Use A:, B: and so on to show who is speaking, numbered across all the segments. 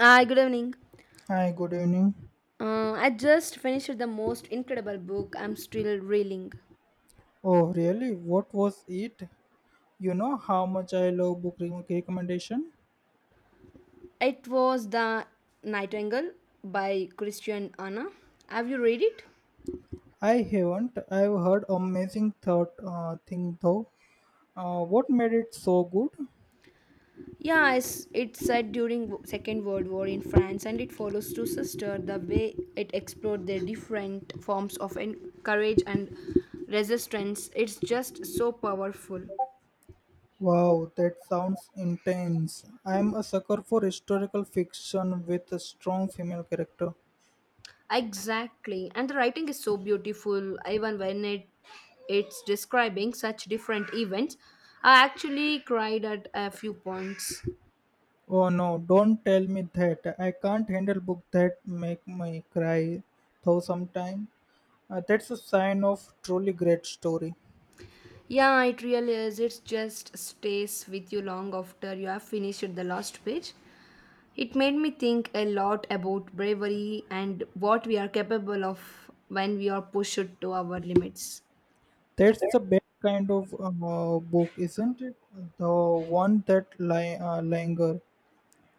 A: Hi, good evening.
B: Hi, good evening.
A: I just finished the most incredible book. I'm still reeling.
B: Oh, really? What was it? You know how much I love recommendation?
A: It was The Nightingale by Christian Anna. Have you read it?
B: I haven't. I've heard amazing thought thing though. What made it so good?
A: Yeah, it's set during Second World War in France and it follows two sisters the way it explored their different forms of courage and resistance. It's just so powerful.
B: Wow, that sounds intense. I'm a sucker for historical fiction with a strong female character.
A: Exactly. And the writing is so beautiful, even when it's describing such different events. I actually cried at a few points.
B: Oh no, don't tell me that. I can't handle book that make me cry though sometime. That's a sign of truly great story.
A: Yeah, it really is. It just stays with you long after you have finished the last page. It made me think a lot about bravery and what we are capable of when we are pushed to our limits.
B: That's the best kind of book, isn't it? The one that linger.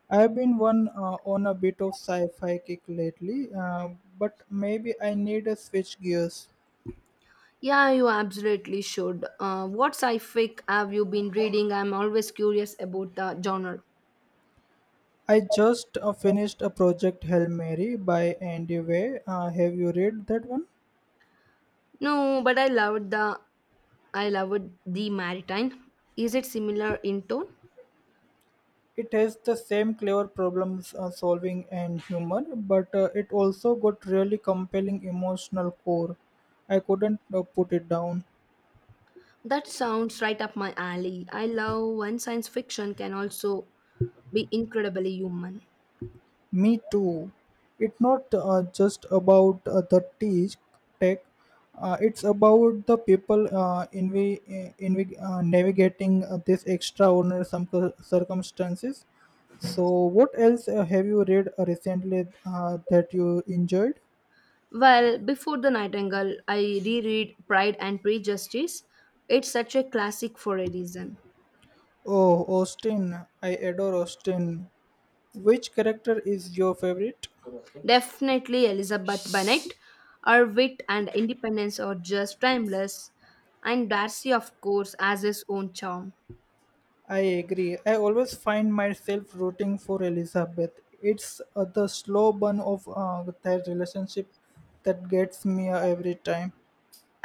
B: I've been one on a bit of sci-fi kick lately, but maybe I need a switch gears.
A: Yeah, you absolutely should. What sci-fic have you been reading? I'm always curious about the genre.
B: I just finished a project Hail Mary by Andy Way. Have you read that one?
A: No, but I loved the Maritime. Is it similar in tone?
B: It has the same clever problems solving and humor, but it also got really compelling emotional core. I couldn't put it down.
A: That sounds right up my alley. I love when science fiction can also be incredibly human.
B: Me too. It's not just about the tech, it's about the people navigating these extraordinary some circumstances. So, what else have you read recently that you enjoyed?
A: Well, before The Nightingale, I reread Pride and Prejudice. It's such a classic for a reason.
B: Oh, Austin. I adore Austin. Which character is your favorite?
A: Definitely Elizabeth Bennet. Her wit and independence are just timeless. And Darcy, of course, has his own charm.
B: I agree. I always find myself rooting for Elizabeth. It's the slow burn of their relationship that gets me every time.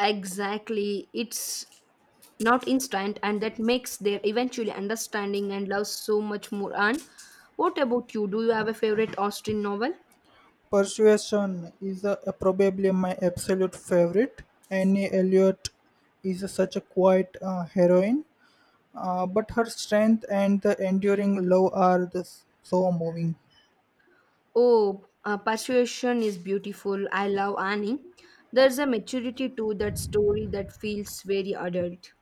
A: Exactly. It's not instant and that makes their eventually understanding and love so much more. And what about you, do you have a favorite Austen novel?
B: Persuasion is probably my absolute favorite. Annie Elliot is such a quiet heroine, but her strength and the enduring love are so moving.
A: Oh, persuasion is beautiful, I love Annie. There's a maturity to that story that feels very adult.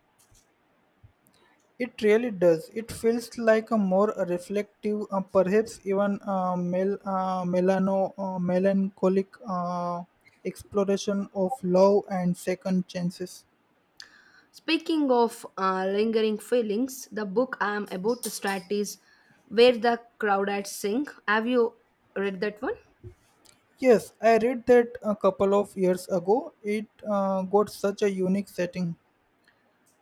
B: It really does. It feels like a more reflective, perhaps even melancholic exploration of love and second chances.
A: Speaking of lingering feelings, the book I am about to start is Where the Crawdads Sing. Have you read that one?
B: Yes, I read that a couple of years ago. It got such a unique setting.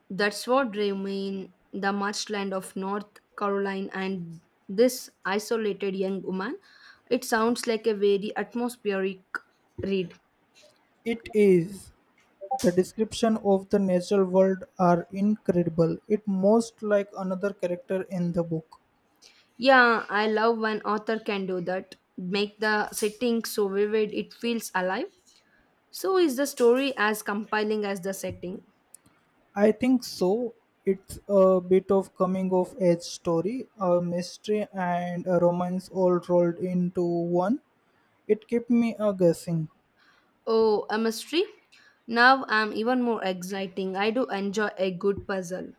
A: That's what drew me in, the marshland of North Carolina and this isolated young woman. It sounds like a very atmospheric read.
B: It is. The description of the natural world are incredible. It most like another character in the book.
A: Yeah, I love when author can do that. Make the setting so vivid it feels alive. So is the story as compelling as the setting.
B: I think so. It's a bit of coming of age story, a mystery and a romance all rolled into one. It kept me guessing.
A: Oh, a mystery? Now I'm even more exciting. I do enjoy a good puzzle.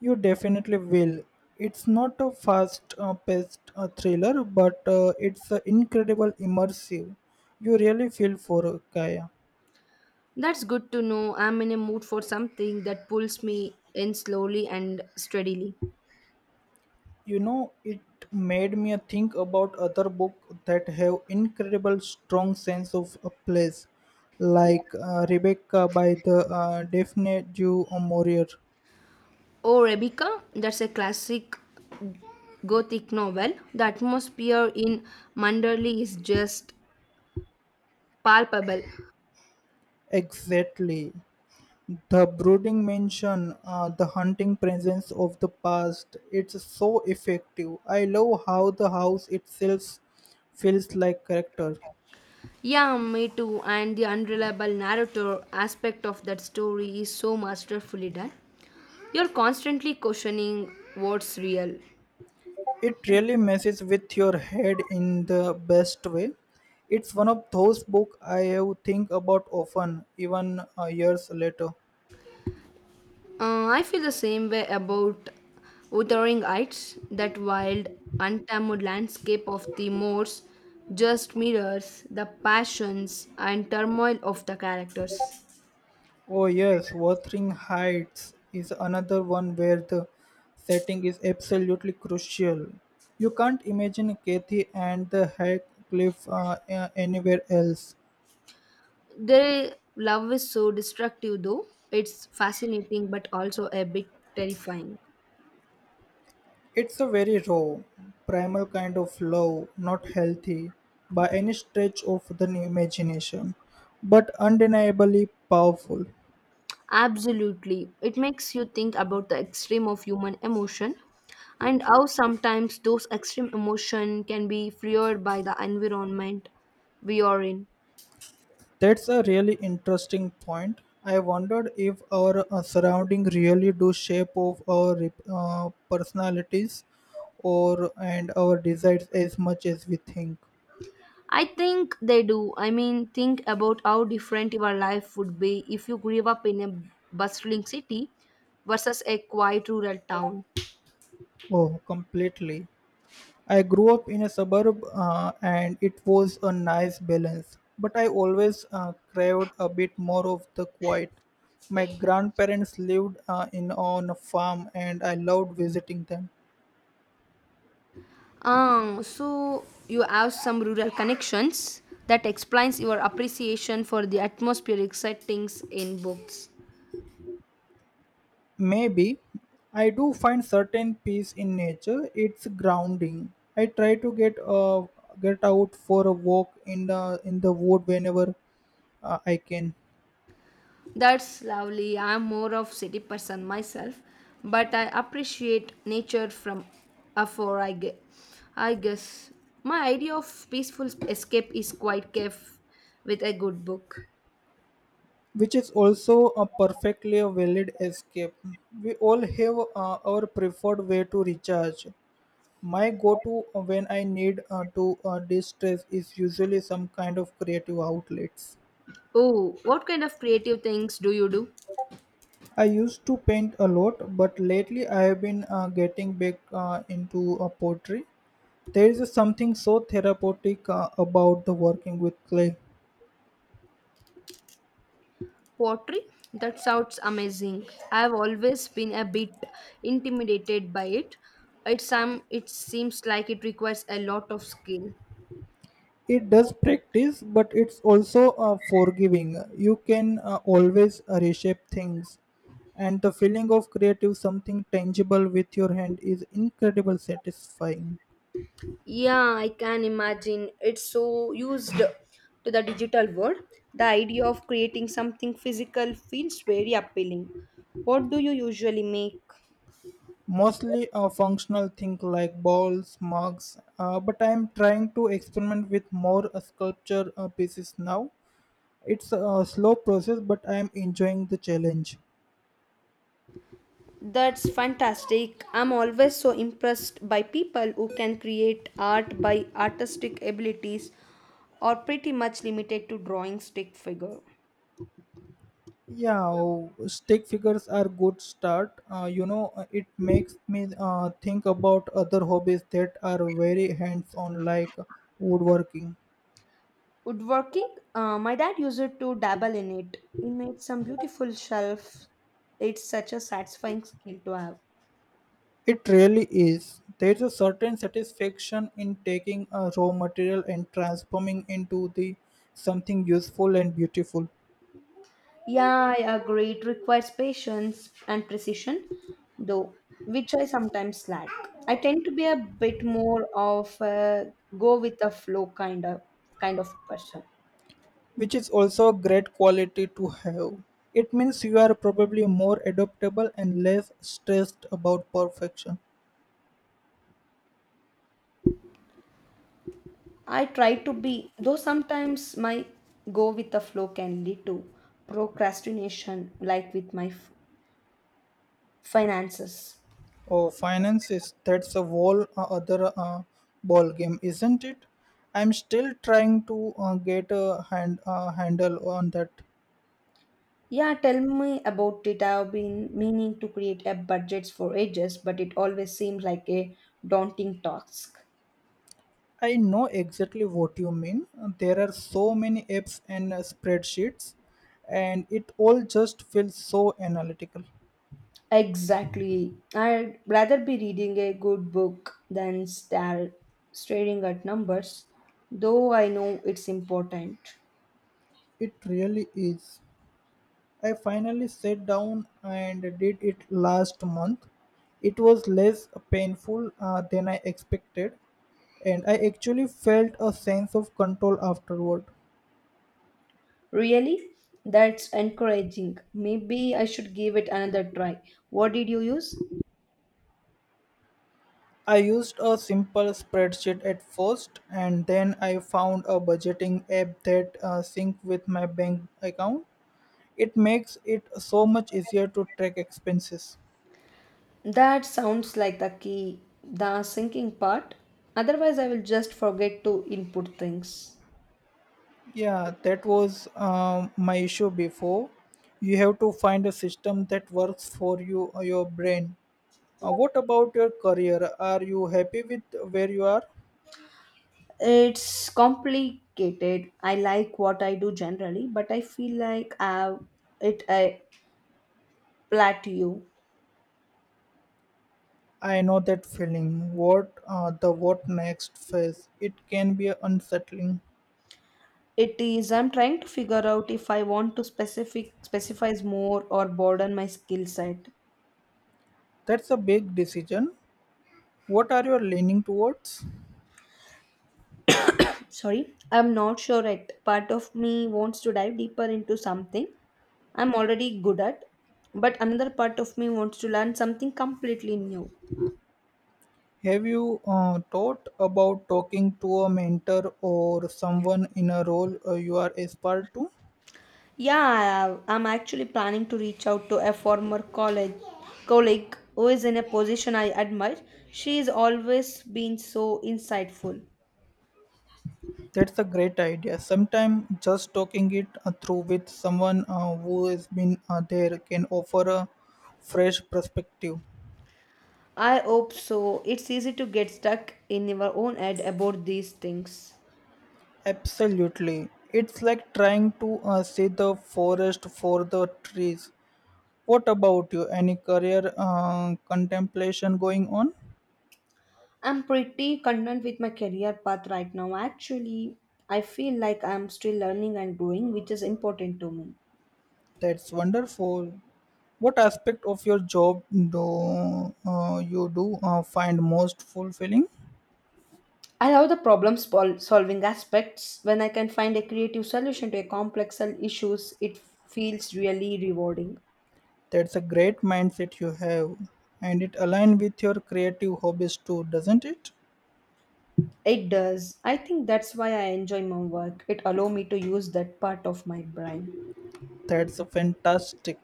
B: You definitely will. It's not a fast paced thriller, but it's incredible immersive. You really feel for Kaya.
A: That's good to know. I'm in a mood for something that pulls me in slowly and steadily.
B: You know it made me think about other book that have incredible strong sense of a place like Rebecca by the Daphne du Maurier.
A: Oh, Rebecca, that's a classic gothic novel. The atmosphere in Manderley is just palpable.
B: Exactly, the brooding mention, the haunting presence of the past, it's so effective. I love how the house itself feels like character.
A: Yeah, me too. And the unreliable narrator aspect of that story is so masterfully done. You're constantly questioning what's real.
B: It really messes with your head in the best way. It's one of those books I have think about often even years later.
A: I feel the same way about Wuthering Heights. That wild, untamed landscape of the moors just mirrors the passions and turmoil of the characters.
B: Oh yes, Wuthering Heights is another one where the setting is absolutely crucial. You can't imagine Kathy and the Heathcliff anywhere else.
A: Their love is so destructive, though. It's fascinating but also a bit terrifying.
B: It's a very raw, primal kind of love, not healthy by any stretch of the imagination, but undeniably powerful.
A: Absolutely. It makes you think about the extreme of human emotion and how sometimes those extreme emotion can be fueled by the environment we are in.
B: That's a really interesting point. I wondered if our surrounding really do shape of our personalities or and our desires as much as we think.
A: I think they do. I mean, think about how different your life would be if you grew up in a bustling city versus a quiet rural town.
B: Oh, completely. I grew up in a suburb and it was a nice balance, but I always craved a bit more of the quiet. My grandparents lived in on a farm and I loved visiting them.
A: Ah, so you have some rural connections that explains your appreciation for the atmospheric settings in books.
B: Maybe I do find certain peace in nature. It's grounding. I try to get out for a walk in the wood whenever I can.
A: That's lovely. I'm more of city person myself, but I appreciate nature from afar. I guess my idea of peaceful escape is quite cave with a good book.
B: Which is also a perfectly valid escape. We all have our preferred way to recharge. My go-to when I need to distress is usually some kind of creative outlets.
A: Oh, what kind of creative things do you do?
B: I used to paint a lot, but lately I have been getting back into pottery. There is something so therapeutic about the working with clay.
A: Pottery? That sounds amazing. I've always been a bit intimidated by it. It's it seems like it requires a lot of skill.
B: It does practice, but it's also forgiving. You can always reshape things, and the feeling of creative something tangible with your hand is incredibly satisfying.
A: Yeah, I can imagine. It's so used to the digital world. The idea of creating something physical feels very appealing. What do you usually make?
B: Mostly a functional thing like balls, mugs, but I am trying to experiment with more sculpture pieces now. It's a slow process, but I am enjoying the challenge.
A: That's fantastic. I'm always so impressed by people who can create art by artistic abilities or pretty much limited to drawing stick figure.
B: Yeah, oh, stick figures are good start. It makes me think about other hobbies that are very hands-on, like woodworking.
A: Woodworking, my dad used it to dabble in it. He made some beautiful shelf. It's such a satisfying skill to have.
B: It really is. There's a certain satisfaction in taking a raw material and transforming into the something useful and beautiful,
A: Yeah, I agree. It requires patience and precision, though, which I sometimes lack. I tend to be a bit more of a go with the flow kind of person.
B: which is also a great quality to have. It means you are probably more adaptable and less stressed about perfection.
A: I try to be, though sometimes my go with the flow can lead to procrastination, like with my finances.
B: Oh, finance is that's a whole other ball game, isn't it? I'm still trying to get a hand handle on that.
A: Yeah, tell me about it. I've been meaning to create a budgets for ages, but it always seems like a daunting task.
B: I know exactly what you mean. There are so many apps and spreadsheets, and it all just feels so analytical.
A: Exactly. I'd rather be reading a good book than stare, staring at numbers, though I know it's important.
B: It really is. I finally sat down and did it last month. It was less painful than I expected and I actually felt a sense of control afterward.
A: Really? That's encouraging. Maybe I should give it another try. What did you use?
B: I used a simple spreadsheet at first, and then I found a budgeting app that synced with my bank account. It makes it so much easier to track expenses.
A: That sounds like the key, the sinking part. Otherwise, I will just forget to input things.
B: Yeah, that was my issue before. You have to find a system that works for you, your brain. What about your career? Are you happy with where you are?
A: It's complicated. I like what I do generally, but I feel like I have it a plateau.
B: I know that feeling. What the what next phase? It can be unsettling.
A: It is. I'm trying to figure out if I want to specific specifies more or broaden my skill set.
B: That's a big decision. What are you leaning towards?
A: Sorry, I'm not sure yet. Part of me wants to dive deeper into something I'm already good at, but another part of me wants to learn something completely new.
B: Have you thought about talking to a mentor or someone in a role you are aspired to?
A: Yeah, I'm actually planning to reach out to a former college colleague who is in a position I admire. She's always been so insightful.
B: That's a great idea. Sometimes just talking it through with someone who has been there can offer a fresh perspective.
A: I hope so. It's easy to get stuck in your own head about these things.
B: Absolutely. It's like trying to see the forest for the trees. What about you? Any career contemplation going on?
A: I'm pretty content with my career path right now. Actually, I feel like I'm still learning and growing, which is important to me.
B: That's wonderful. What aspect of your job do you do find most fulfilling?
A: I love the solving aspects. When I can find a creative solution to a issues, it feels really rewarding.
B: That's a great mindset you have, and it aligns with your creative hobbies too, doesn't it?
A: It does. I think that's why I enjoy my work. It allows me to use that part of my brain.
B: That's fantastic.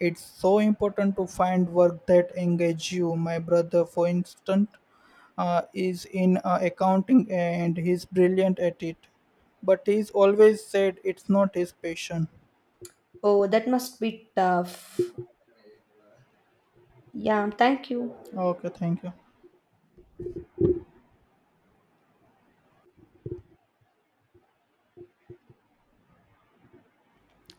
B: It's so important to find work that engage you. My brother, for instance, is in accounting and he's brilliant at it. But he's always said it's not his passion.
A: Oh, that must be tough. Yeah, thank you.
B: Okay, thank you.